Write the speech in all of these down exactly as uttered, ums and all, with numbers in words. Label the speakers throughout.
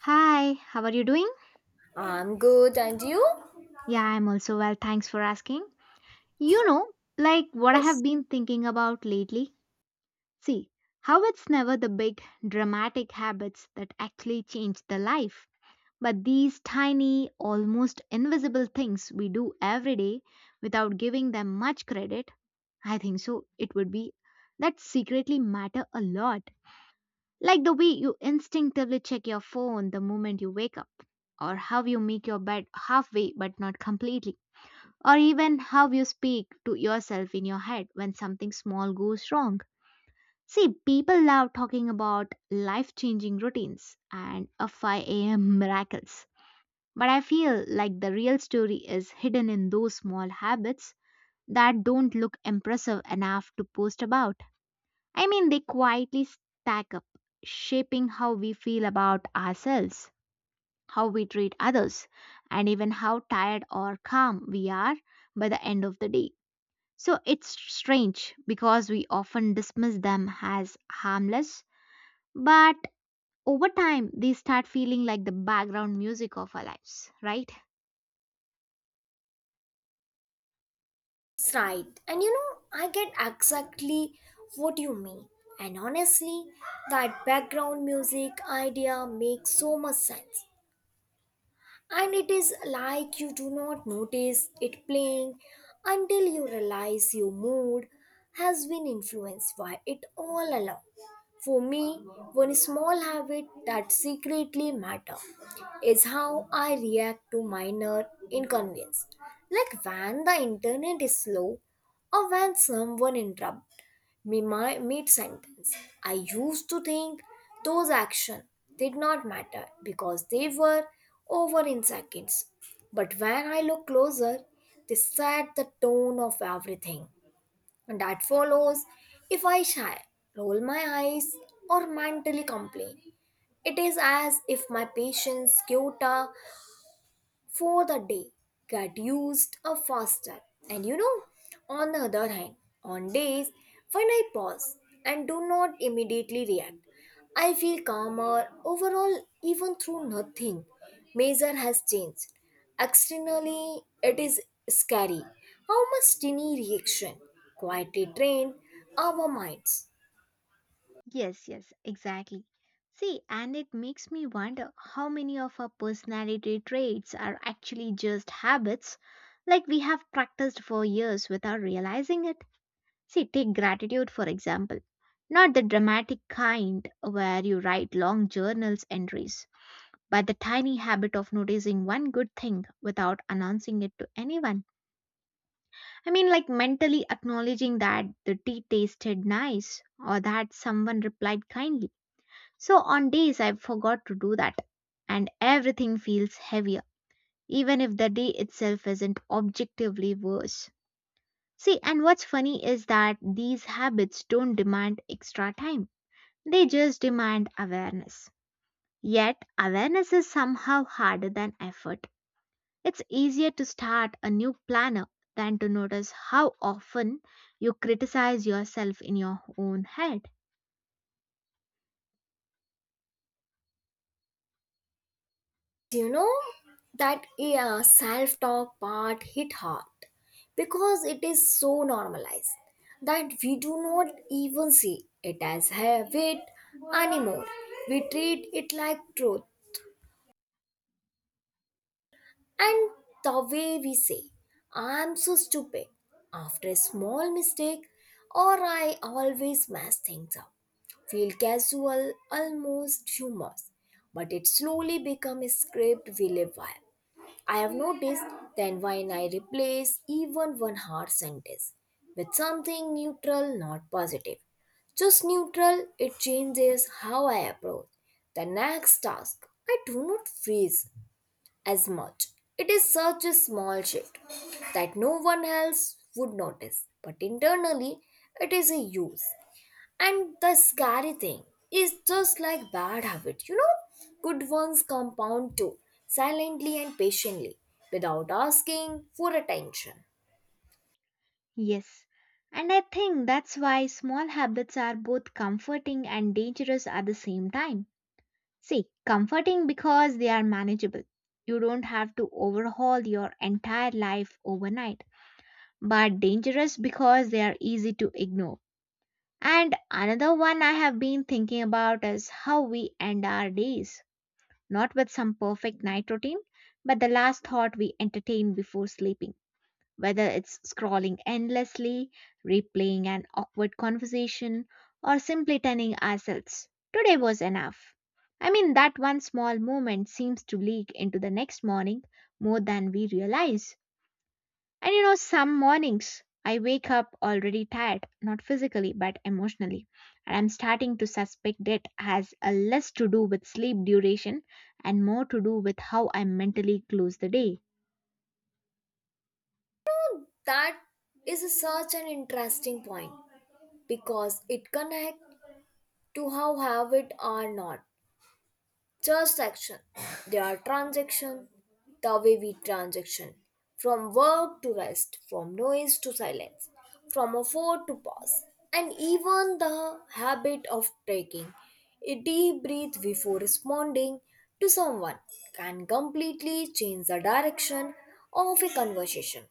Speaker 1: Hi, how are you doing?
Speaker 2: I'm good, and you?
Speaker 1: Yeah, I'm also well, thanks for asking. You know, like what I have
Speaker 2: Yes.
Speaker 1: been thinking about lately. See, how it's never the big dramatic habits that actually change the life, but these tiny, almost invisible things we do every day without giving them much credit. I think so, it would be that secretly matter a lot. Like the way you instinctively check your phone the moment you wake up, or how you make your bed halfway but not completely or even how you speak to yourself in your head when something small goes wrong. See, people love talking about life changing routines and a five a m miracles. But I feel like the real story is hidden in those small habits that don't look impressive enough to post about. I mean, they quietly stack up, shaping how we feel about ourselves, how we treat others, and even how tired or calm we are by the end of the day. So it's strange because we often dismiss them as harmless, but over time they start feeling like the background music of our lives, right?
Speaker 2: It's right. And you know, I get exactly what you mean. And honestly, that background music idea makes so much sense. And it is like you do not notice it playing until you realize your mood has been influenced by it all along. For me, one small habit that secretly matter is how I react to minor inconvenience, like when the internet is slow or when someone interrupts me my mid sentence. I used to think those actions did not matter because they were over in seconds. But when I look closer, they set the tone of everything. And that follows if I shy, roll my eyes, or mentally complain. It is as if my patience quota for the day get used up faster. And you know, on the other hand, on days when I pause and do not immediately react, I feel calmer overall, even through nothing major has changed. Externally, it is scary how much tiny reaction quietly train our minds.
Speaker 1: Yes, yes, exactly. See, and it makes me wonder how many of our personality traits are actually just habits like we have practiced for years without realizing it. See, take gratitude for example. Not the dramatic kind where you write long journals entries, but the tiny habit of noticing one good thing without announcing it to anyone. I mean, like mentally acknowledging that the tea tasted nice or that someone replied kindly. So, on days I forgot to do that, and everything feels heavier, even if the day itself isn't objectively worse. See, and what's funny is that these habits don't demand extra time, they just demand awareness. Yet, awareness is somehow harder than effort. It's easier to start a new planner than to notice how often you criticize yourself in your own head.
Speaker 2: You know that, yeah, self-talk part hit hard because it is so normalized that we do not even see it as habit anymore. We treat it like truth. And the way we say I'm so stupid after a small mistake or I always mess things up feel casual, almost humorous, but it slowly become a script we live by. I have noticed that when I replace even one hard sentence with something neutral, not positive, just neutral, it changes how I approach the next task. I do not freeze as much. It is such a small shift that no one else would notice, but internally, it is a use. And the scary thing is just like bad habit, you know, good ones compound too, silently and patiently, without asking for attention.
Speaker 1: Yes. And I think that's why small habits are both comforting and dangerous at the same time. See, comforting because they are manageable. You don't have to overhaul your entire life overnight, but dangerous because they are easy to ignore. And another one I have been thinking about is how we end our days, not with some perfect night routine, but the last thought we entertain before sleeping, whether it's scrolling endlessly, replaying an awkward conversation, or simply telling ourselves, today was enough. I mean, that one small moment seems to leak into the next morning more than we realize. And you know, some mornings I wake up already tired, not physically but emotionally. And I'm starting to suspect it has a less to do with sleep duration and more to do with how I mentally close the day.
Speaker 2: That is such an interesting point because it connects to how habit are not transaction. They are transaction, the way we transaction from work to rest, from noise to silence, from afford to pause. And even the habit of taking a deep breath before responding to someone can completely change the direction of a conversation.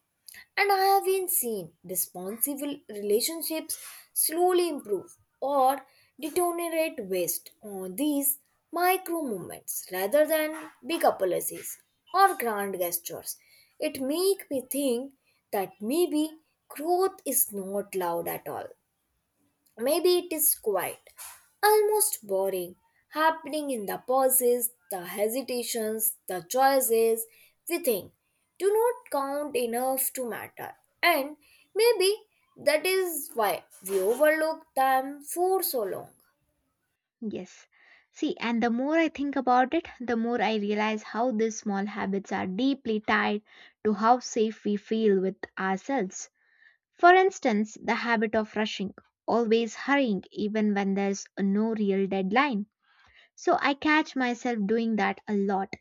Speaker 2: And I have been seen responsible relationships slowly improve or deteriorate based on these micro movements, rather than big apologies or grand gestures. It make me think that maybe growth is not loud at all. Maybe it is quiet, almost boring, happening in the pauses, the hesitations, the choices we think do not count enough to matter. And maybe that is why we overlook them for so long.
Speaker 1: Yes. See, and the more I think about it, the more I realize how these small habits are deeply tied to how safe we feel with ourselves. For instance, the habit of rushing, always hurrying even when there's no real deadline. So I catch myself doing that a lot,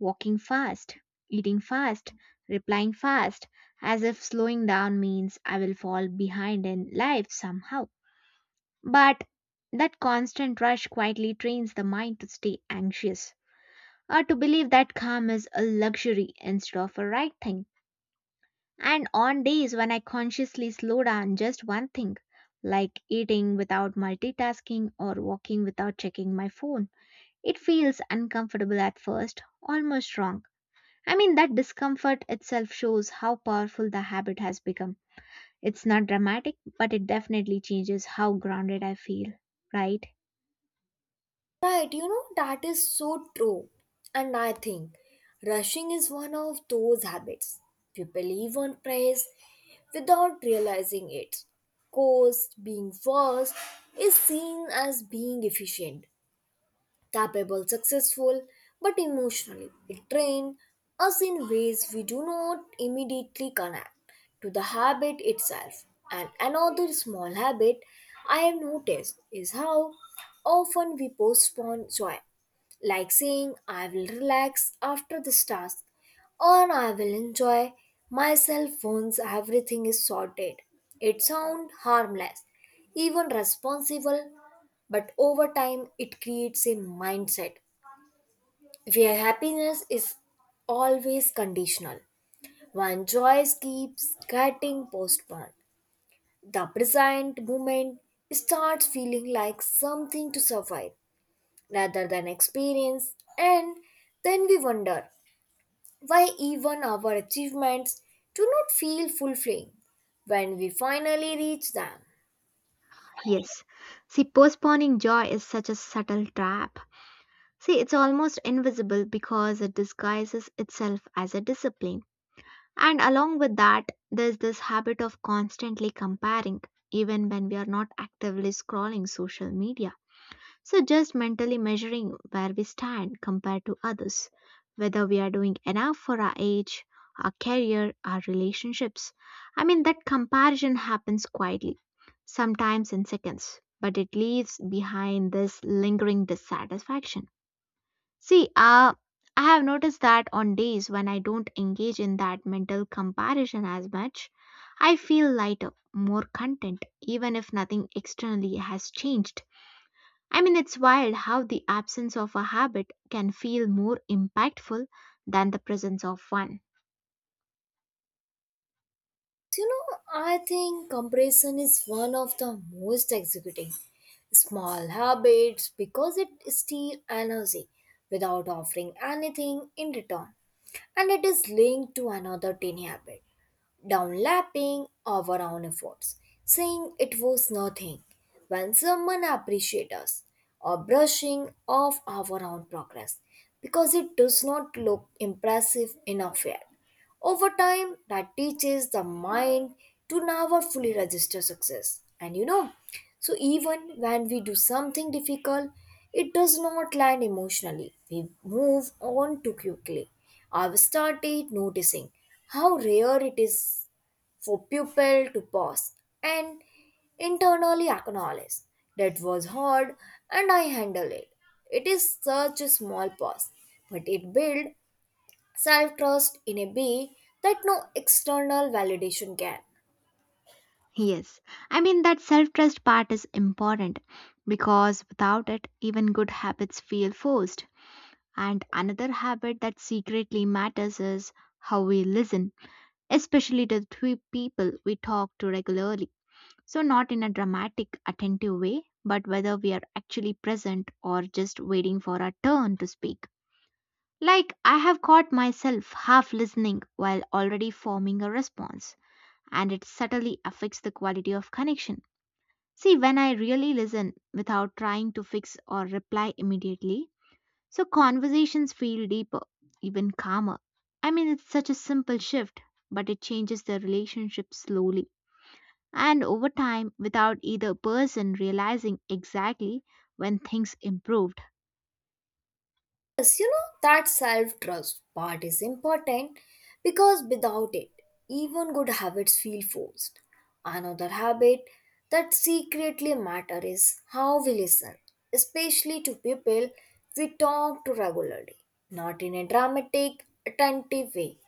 Speaker 1: walking fast, eating fast, replying fast, as if slowing down means I will fall behind in life somehow. But that constant rush quietly trains the mind to stay anxious or to believe that calm is a luxury instead of a right thing. And on days when I consciously slow down just one thing, like eating without multitasking or walking without checking my phone, it feels uncomfortable at first, almost wrong. I mean, that discomfort itself shows how powerful the habit has become. It's not dramatic, but it definitely changes how grounded I feel, right?
Speaker 2: Right, you know, that is so true. And I think rushing is one of those habits people live on praise without realizing it. Cost being first is seen as being efficient, capable, successful, but emotionally it drains us in ways we do not immediately connect to the habit itself. And another small habit I have noticed is how often we postpone joy, like saying, I will relax after this task, or I will enjoy myself once everything is sorted. It sounds harmless, even responsible, but over time it creates a mindset where happiness is always conditional. One joy keeps getting postponed. The present moment starts feeling like something to survive rather than experience, and then we wonder why even our achievements do not feel fulfilling when we finally reach them.
Speaker 1: Yes. See, postponing joy is such a subtle trap. See, it's almost invisible because it disguises itself as a discipline. And along with that, there's this habit of constantly comparing, even when we are not actively scrolling social media. So, just mentally measuring where we stand compared to others, whether we are doing enough for our age, our career, our relationships. I mean, that comparison happens quietly, sometimes in seconds, but it leaves behind this lingering dissatisfaction. See, uh, I have noticed that on days when I don't engage in that mental comparison as much, I feel lighter, more content, even if nothing externally has changed. I mean, it's wild how the absence of a habit can feel more impactful than the presence of one.
Speaker 2: You know, I think comparison is one of the most executing small habits because it steals energy without offering anything in return. And it is linked to another tiny habit, downlapping our own efforts, saying it was nothing when someone appreciates us, or brushing off our own progress because it does not look impressive enough yet. Over time, that teaches the mind to never fully register success. And you know, so even when we do something difficult, it does not land emotionally. We move on too quickly. I've started noticing how rare it is for people to pause and internally acknowledge that was hard and I handle it. It is such a small pause, but it builds self trust in a way that no external validation can.
Speaker 1: Yes, I mean, that self trust part is important because without it, even good habits feel forced. And another habit that secretly matters is how we listen, especially to the three people we talk to regularly. So, not in a dramatic, attentive way, but whether we are actually present or just waiting for our turn to speak. Like, I have caught myself half listening while already forming a response, and it subtly affects the quality of connection. See, when I really listen without trying to fix or reply immediately, so conversations feel deeper, even calmer. I mean, it's such a simple shift, but it changes the relationship slowly and over time without either person realizing exactly when things improved.
Speaker 2: Yes, you know, that self trust part is important because without it, even good habits feel forced. Another habit that secretly matters is how we listen, especially to people we talk to regularly, not in a dramatic, attentive way,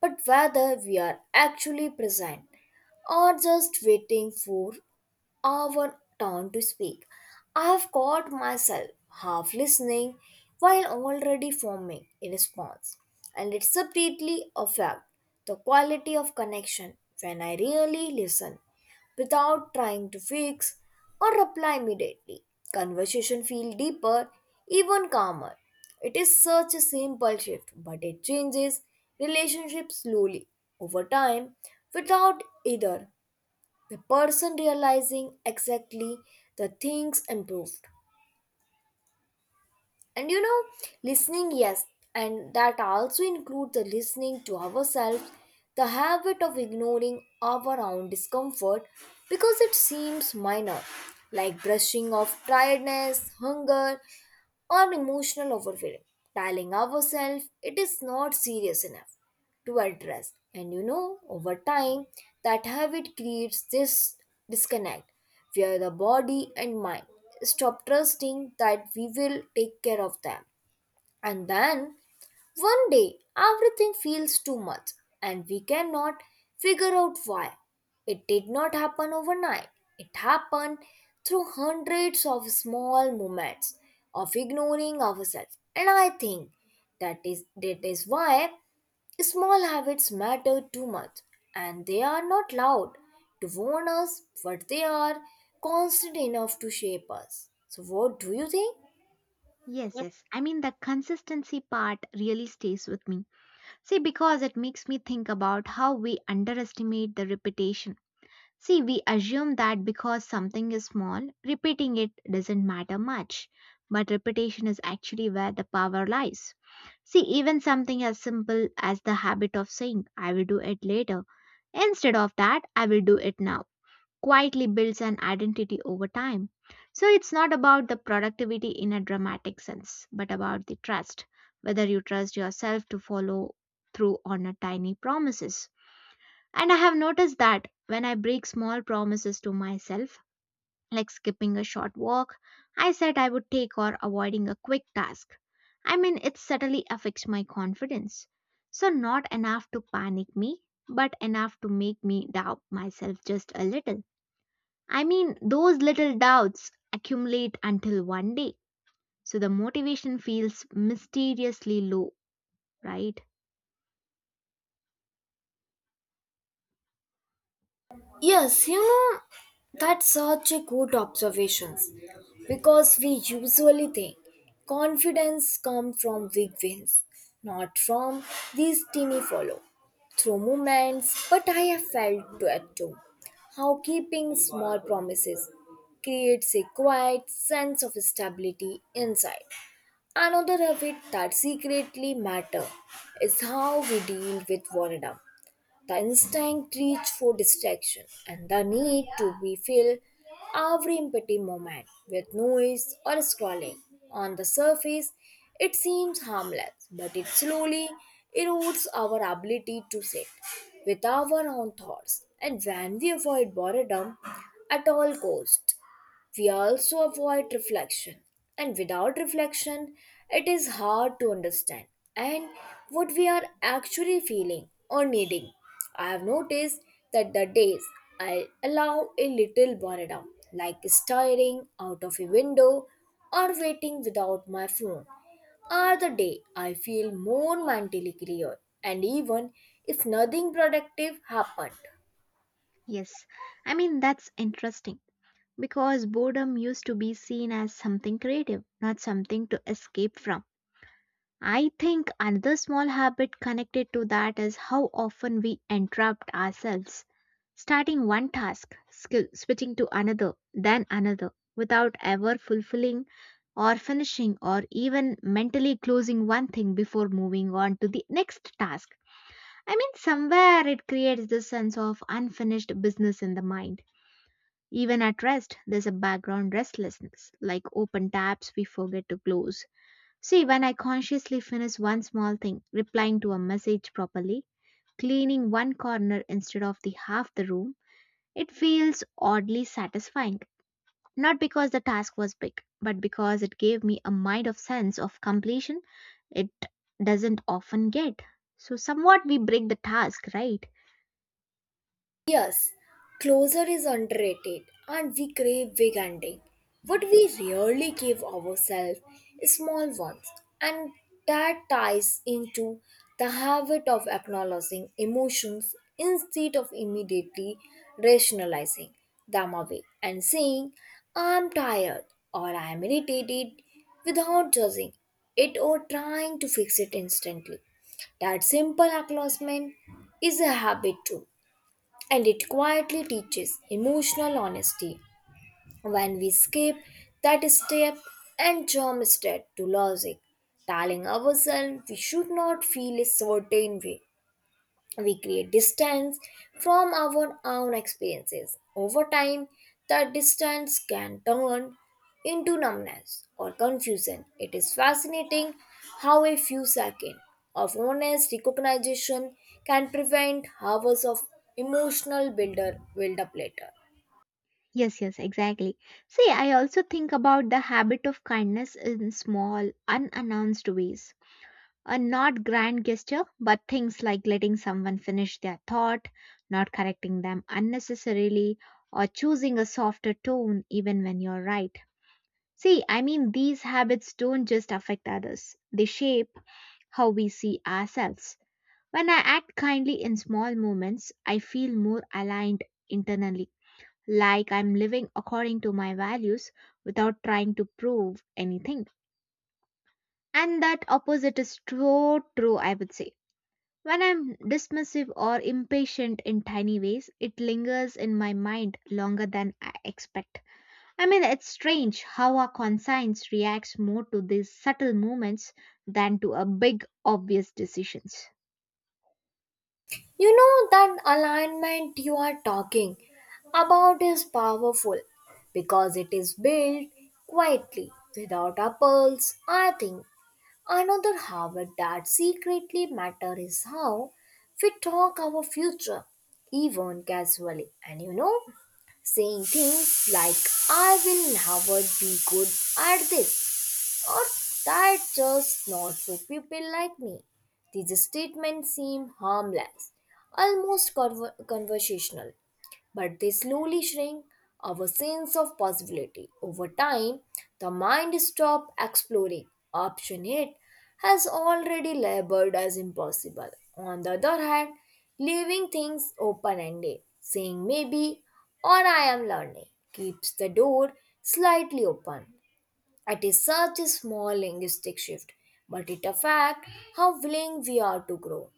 Speaker 2: but whether we are actually present or just waiting for our turn to speak. I have caught myself half listening while already forming a response, and it subtly affects the quality of connection when I really listen without trying to fix or reply immediately. Conversation feels deeper, even calmer. It is such a simple shift, but it changes relationships slowly over time without either the person realizing exactly the things improved. And you know, listening, yes, and that also includes the listening to ourselves, the habit of ignoring our own discomfort because it seems minor, like brushing off tiredness, hunger, or emotional overwhelm, telling ourselves it is not serious enough to address. And you know, over time, that habit creates this disconnect where the body and mind stop trusting that we will take care of them. And then one day, everything feels too much, and we cannot figure out why. It did not happen overnight. It happened through hundreds of small moments of ignoring ourselves. And I think that is that is why small habits matter too much, and they are not loud to warn us, but they are constant enough to shape us. So, what do you think?
Speaker 1: Yes, yes. I mean, the consistency part really stays with me. See, because it makes me think about how we underestimate the repetition. See, we assume that because something is small, repeating it doesn't matter much. But repetition is actually where the power lies. See, even something as simple as the habit of saying, I will do it later, instead of that, I will do it now, quietly builds an identity over time. So it's not about the productivity in a dramatic sense, but about the trust, whether you trust yourself to follow through on a tiny promises. And I have noticed that when I break small promises to myself, like skipping a short walk, I said I would take or avoiding a quick task. I mean, it subtly affects my confidence. So, not enough to panic me, but enough to make me doubt myself just a little. I mean, those little doubts accumulate until one day, so the motivation feels mysteriously low, right?
Speaker 2: Yes, you know, that's such a good observation because we usually think confidence comes from big wins, not from these teeny follow through moments. But I have felt that too. How keeping small promises creates a quiet sense of stability inside. Another habit that secretly matter is how we deal with boredom, the instinct reach for distraction and the need to be fill every empty moment with noise or scrolling. On the surface, it seems harmless, but it slowly erodes our ability to sit with our own thoughts. And when we avoid boredom at all costs, we also avoid reflection, and without reflection, it is hard to understand and what we are actually feeling or needing. I have noticed that the days I allow a little boredom, like staring out of a window or waiting without my phone, are the day I feel more mentally clear, and even if nothing productive happened.
Speaker 1: Yes, I mean, that's interesting because boredom used to be seen as something creative, not something to escape from. I think another small habit connected to that is how often we entrap ourselves. Starting one task, skill, switching to another, then another, without ever fulfilling or finishing or even mentally closing one thing before moving on to the next task. I mean, somewhere it creates this sense of unfinished business in the mind. Even at rest, there's a background restlessness, like open tabs we forget to close. See, when I consciously finish one small thing, replying to a message properly, cleaning one corner instead of the half the room, it feels oddly satisfying, not because the task was big, but because it gave me a mind of sense of completion it doesn't often get. So, somewhat we break the task, right?
Speaker 2: Yes, closure is underrated and we crave big ending. But we rarely give ourselves small ones, and that ties into the habit of acknowledging emotions instead of immediately rationalizing them away and saying, I'm tired or I'm irritated without judging it or trying to fix it instantly. That simple acknowledgement is a habit too, and it quietly teaches emotional honesty. When we skip that step and jump straight to logic, telling ourselves we should not feel a certain way, we create distance from our own experiences. Over time, that distance can turn into numbness or confusion. It is fascinating how a few seconds of honest recognition can prevent hours of emotional builder build up later.
Speaker 1: Yes, yes, exactly. See, I also think about the habit of kindness in small, unannounced ways. A not grand gesture, but things like letting someone finish their thought, not correcting them unnecessarily, or choosing a softer tone even when you're right. See, I mean, these habits don't just affect others, they shape how we see ourselves. When I act kindly in small moments, I feel more aligned internally, like I'm living according to my values without trying to prove anything. And that opposite is so true, I would say. When I'm dismissive or impatient in tiny ways, it lingers in my mind longer than I expect. I mean, it's strange how our conscience reacts more to these subtle movements than to a big, obvious decisions.
Speaker 2: You know, that alignment you are talking about is powerful because it is built quietly without a pulse. I think another habit that secretly matters is how we talk our future, even casually. And you know, saying things like, I will never be good at this or that just not for people like me. These statements seem harmless, almost conver- conversational, but they slowly shrink our sense of possibility. Over time, the mind stops exploring. Option eight has already labeled as impossible. On the other hand, leaving things open ended, saying maybe or I am learning, keeps the door slightly open. It is such a small linguistic shift, but it affects how willing we are to grow.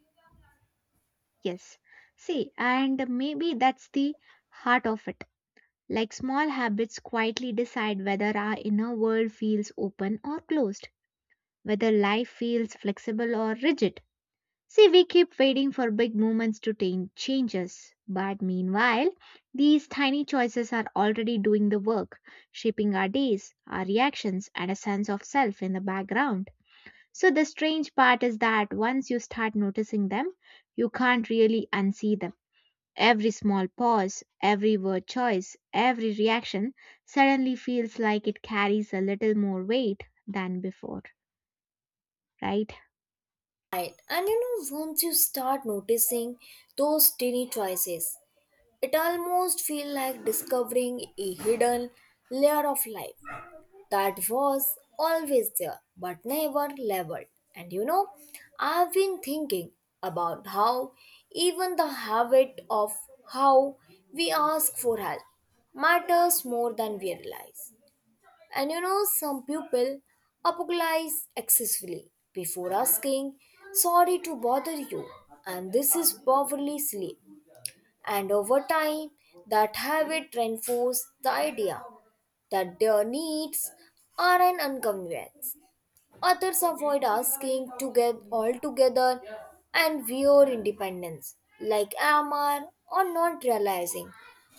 Speaker 1: Yes. See, and maybe that's the heart of it. Like small habits quietly decide whether our inner world feels open or closed, whether life feels flexible or rigid. See, we keep waiting for big movements to tain- change us. But meanwhile, these tiny choices are already doing the work, shaping our days, our reactions, and a sense of self in the background. So, the strange part is that once you start noticing them, you can't really unsee them. Every small pause, every word choice, every reaction suddenly feels like it carries a little more weight than before, right?
Speaker 2: Right. And you know, once you start noticing those tiny choices, it almost feels like discovering a hidden layer of life that was always there but never leveled. And you know, I've been thinking about how even the habit of how we ask for help matters more than we realize. And you know, some people apologize excessively before asking, sorry to bother you. And this is powerfully silly. And over time, that habit reinforces the idea that their needs are an inconvenience. Others avoid asking to get altogether and wear independence, like Amar, or not realizing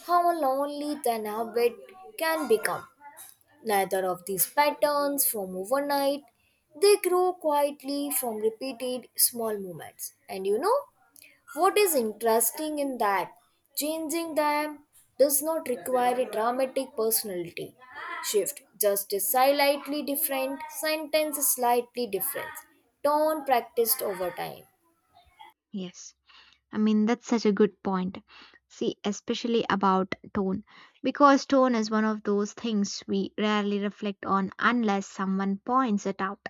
Speaker 2: how lonely the habit can become. Neither of these patterns form overnight, they grow quietly from repeated small movements. And you know what is interesting in that? Changing them does not require a dramatic personality shift, just a slightly different sentence, slightly different tone practiced over time.
Speaker 1: Yes. I mean, that's such a good point. See, especially about tone, because tone is one of those things we rarely reflect on unless someone points it out.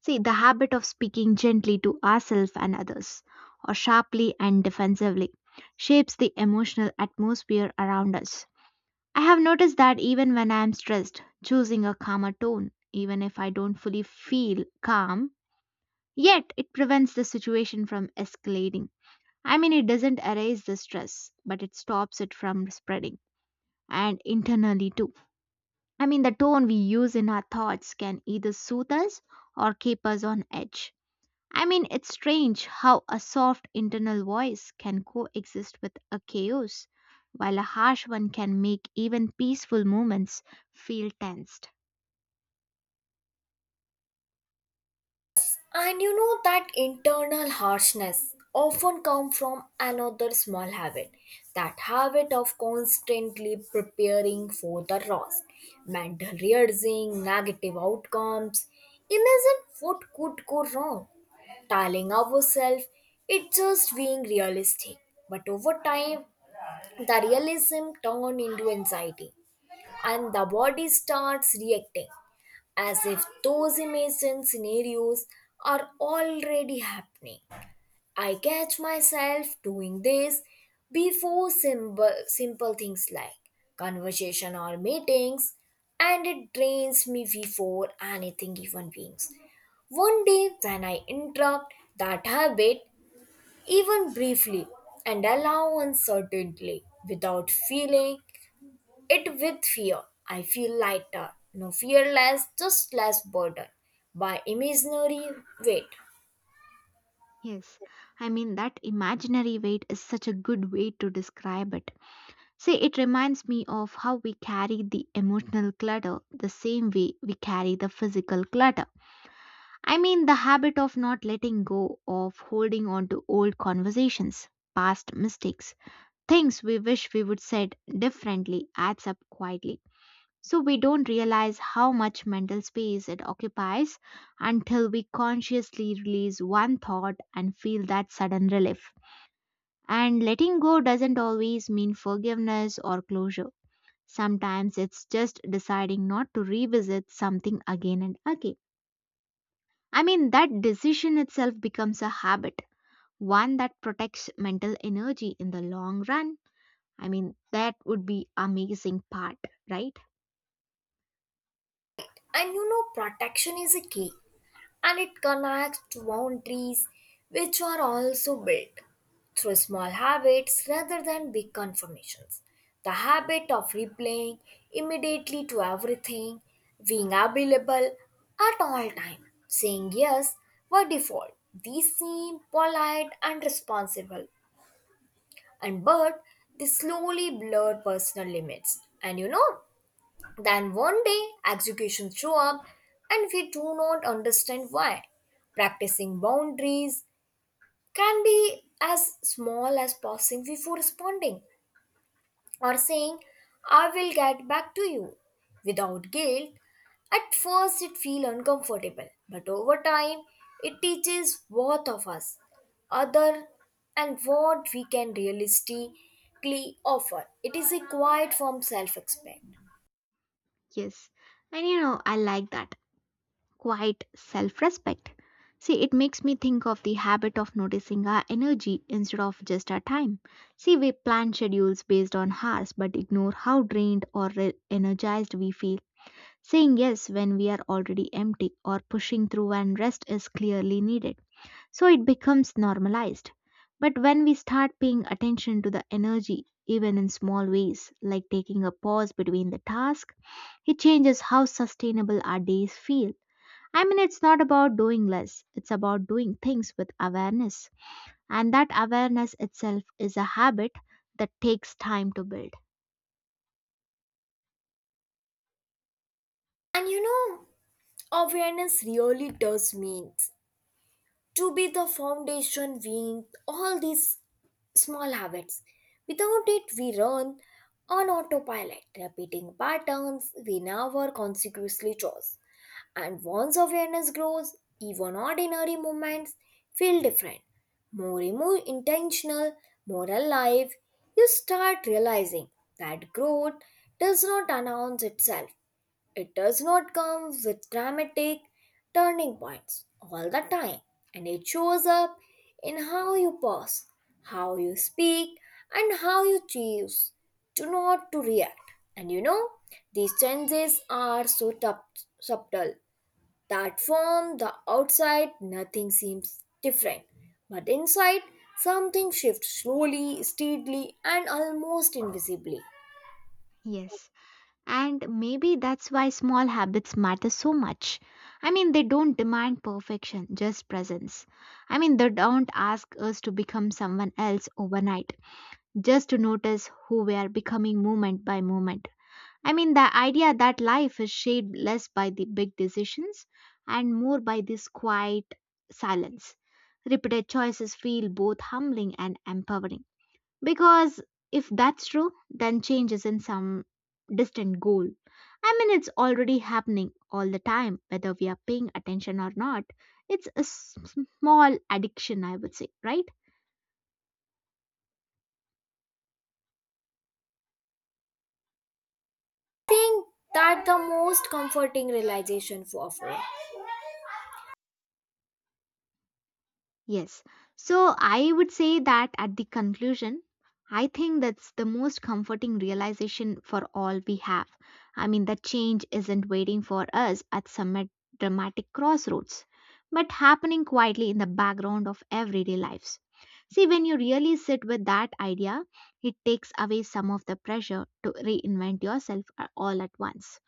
Speaker 1: See, the habit of speaking gently to ourselves and others, or sharply and defensively, shapes the emotional atmosphere around us. I have noticed that even when I am stressed, choosing a calmer tone, even if I don't fully feel calm, yet it prevents the situation from escalating. I mean, it doesn't erase the stress, but it stops it from spreading, and internally too. I mean, the tone we use in our thoughts can either soothe us or keep us on edge. I mean, it's strange how a soft internal voice can coexist with a chaos, while a harsh one can make even peaceful moments feel tensed.
Speaker 2: And you know that internal harshness often comes from another small habit, that habit of constantly preparing for the worst, mental rehearsing, negative outcomes. Imagine what could go wrong, telling ourselves it's just being realistic. But over time, the realism turned into anxiety, and the body starts reacting as if those imagined scenarios are already happening. I catch myself doing this before simple, simple things like conversation or meetings, and it drains me before anything even begins. One day, when I interrupt that habit, even briefly, and allow uncertainty without feeling it with fear. I feel lighter, no fear, less, just less burdened by imaginary weight.
Speaker 1: Yes, I mean, that imaginary weight is such a good way to describe it. See, it reminds me of how we carry the emotional clutter the same way we carry the physical clutter. I mean, the habit of not letting go, of holding on to old conversations, past mistakes, things we wish we would said differently adds up quietly. So we don't realize how much mental space it occupies until we consciously release one thought and feel that sudden relief. And letting go doesn't always mean forgiveness or closure. Sometimes it's just deciding not to revisit something again and again. I mean, that decision itself becomes a habit, one that protects mental energy in the long run. I mean, that would be amazing part, right?
Speaker 2: And you know, protection is a key and it connects to boundaries which are also built through small habits rather than big confirmations. The habit of replying immediately to everything, being available at all time, saying yes by default. These seem polite and responsible, and but they slowly blur personal limits. And you know, then one day, executions show up and we do not understand why. Practicing boundaries can be as small as pausing before responding or saying, I will get back to you without guilt. At first, it feels uncomfortable, but over time, it teaches both of us, other, and what we can realistically offer. It is a quiet form self respect.
Speaker 1: Yes. And you know, I like that. Quite self-respect. See, it makes me think of the habit of noticing our energy instead of just our time. See, we plan schedules based on hours but ignore how drained or re- energized we feel. Saying yes when we are already empty or pushing through when rest is clearly needed. So it becomes normalized. But when we start paying attention to the energy, even in small ways, like taking a pause between the task, it changes how sustainable our days feel. I mean, it's not about doing less, it's about doing things with awareness. And that awareness itself is a habit that takes time to build.
Speaker 2: And you know, awareness really does mean to be the foundation we all these small habits. Without it we run on autopilot repeating patterns we never consciously chose, and once awareness grows even ordinary moments feel different, more and more intentional, more alive. You start realizing that growth does not announce itself. It does not come with dramatic turning points all the time, and it shows up in how you pause, how you speak, and how you choose to not to react. And you know, these changes are so tup- subtle that from the outside nothing seems different, but inside something shifts slowly, steadily, and almost invisibly.
Speaker 1: Yes. And maybe that's why small habits matter so much. I mean, they don't demand perfection, just presence. I mean, they don't ask us to become someone else overnight, just to notice who we are becoming moment by moment. I mean, the idea that life is shaped less by the big decisions and more by this quiet silence. Repeated choices feel both humbling and empowering. Because if that's true, then change is in some distant goal. I mean, it's already happening all the time, whether we are paying attention or not. It's a s- small addiction, I would say, right?
Speaker 2: Think that the most comforting realization for her.
Speaker 1: Yes. So I would say that at the conclusion, I think that's the most comforting realization for all we have. I mean, that change isn't waiting for us at some dramatic crossroads, but happening quietly in the background of everyday lives. See, when you really sit with that idea, it takes away some of the pressure to reinvent yourself a- all at once.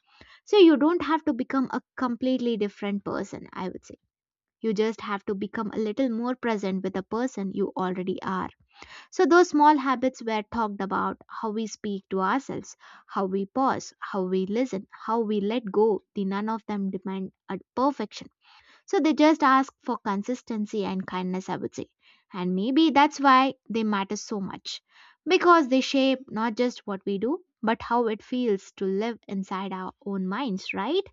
Speaker 1: So you don't have to become a completely different person, I would say you just have to become a little more present with the person you already are. So, those small habits were talked about how we speak to ourselves, how we pause, how we listen, how we let go. The none of them demand a perfection. So, they just ask for consistency and kindness, I would say. And maybe that's why they matter so much because they shape not just what we do, but how it feels to live inside our own minds, right?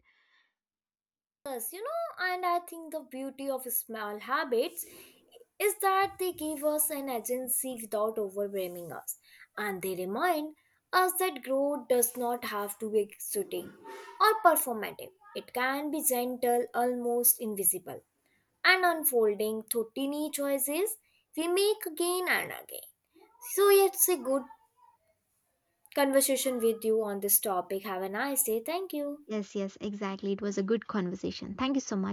Speaker 2: Yes, you know, and I think the beauty of small habits is that they give us an agency without overwhelming us, and they remind us that growth does not have to be exciting or performative. It can be gentle, almost invisible, and unfolding through tiny choices we make again and again. So it's a good conversation with you on this topic. Have a nice day. Thank you.
Speaker 1: Yes, yes, exactly. It was a good conversation. Thank you so much.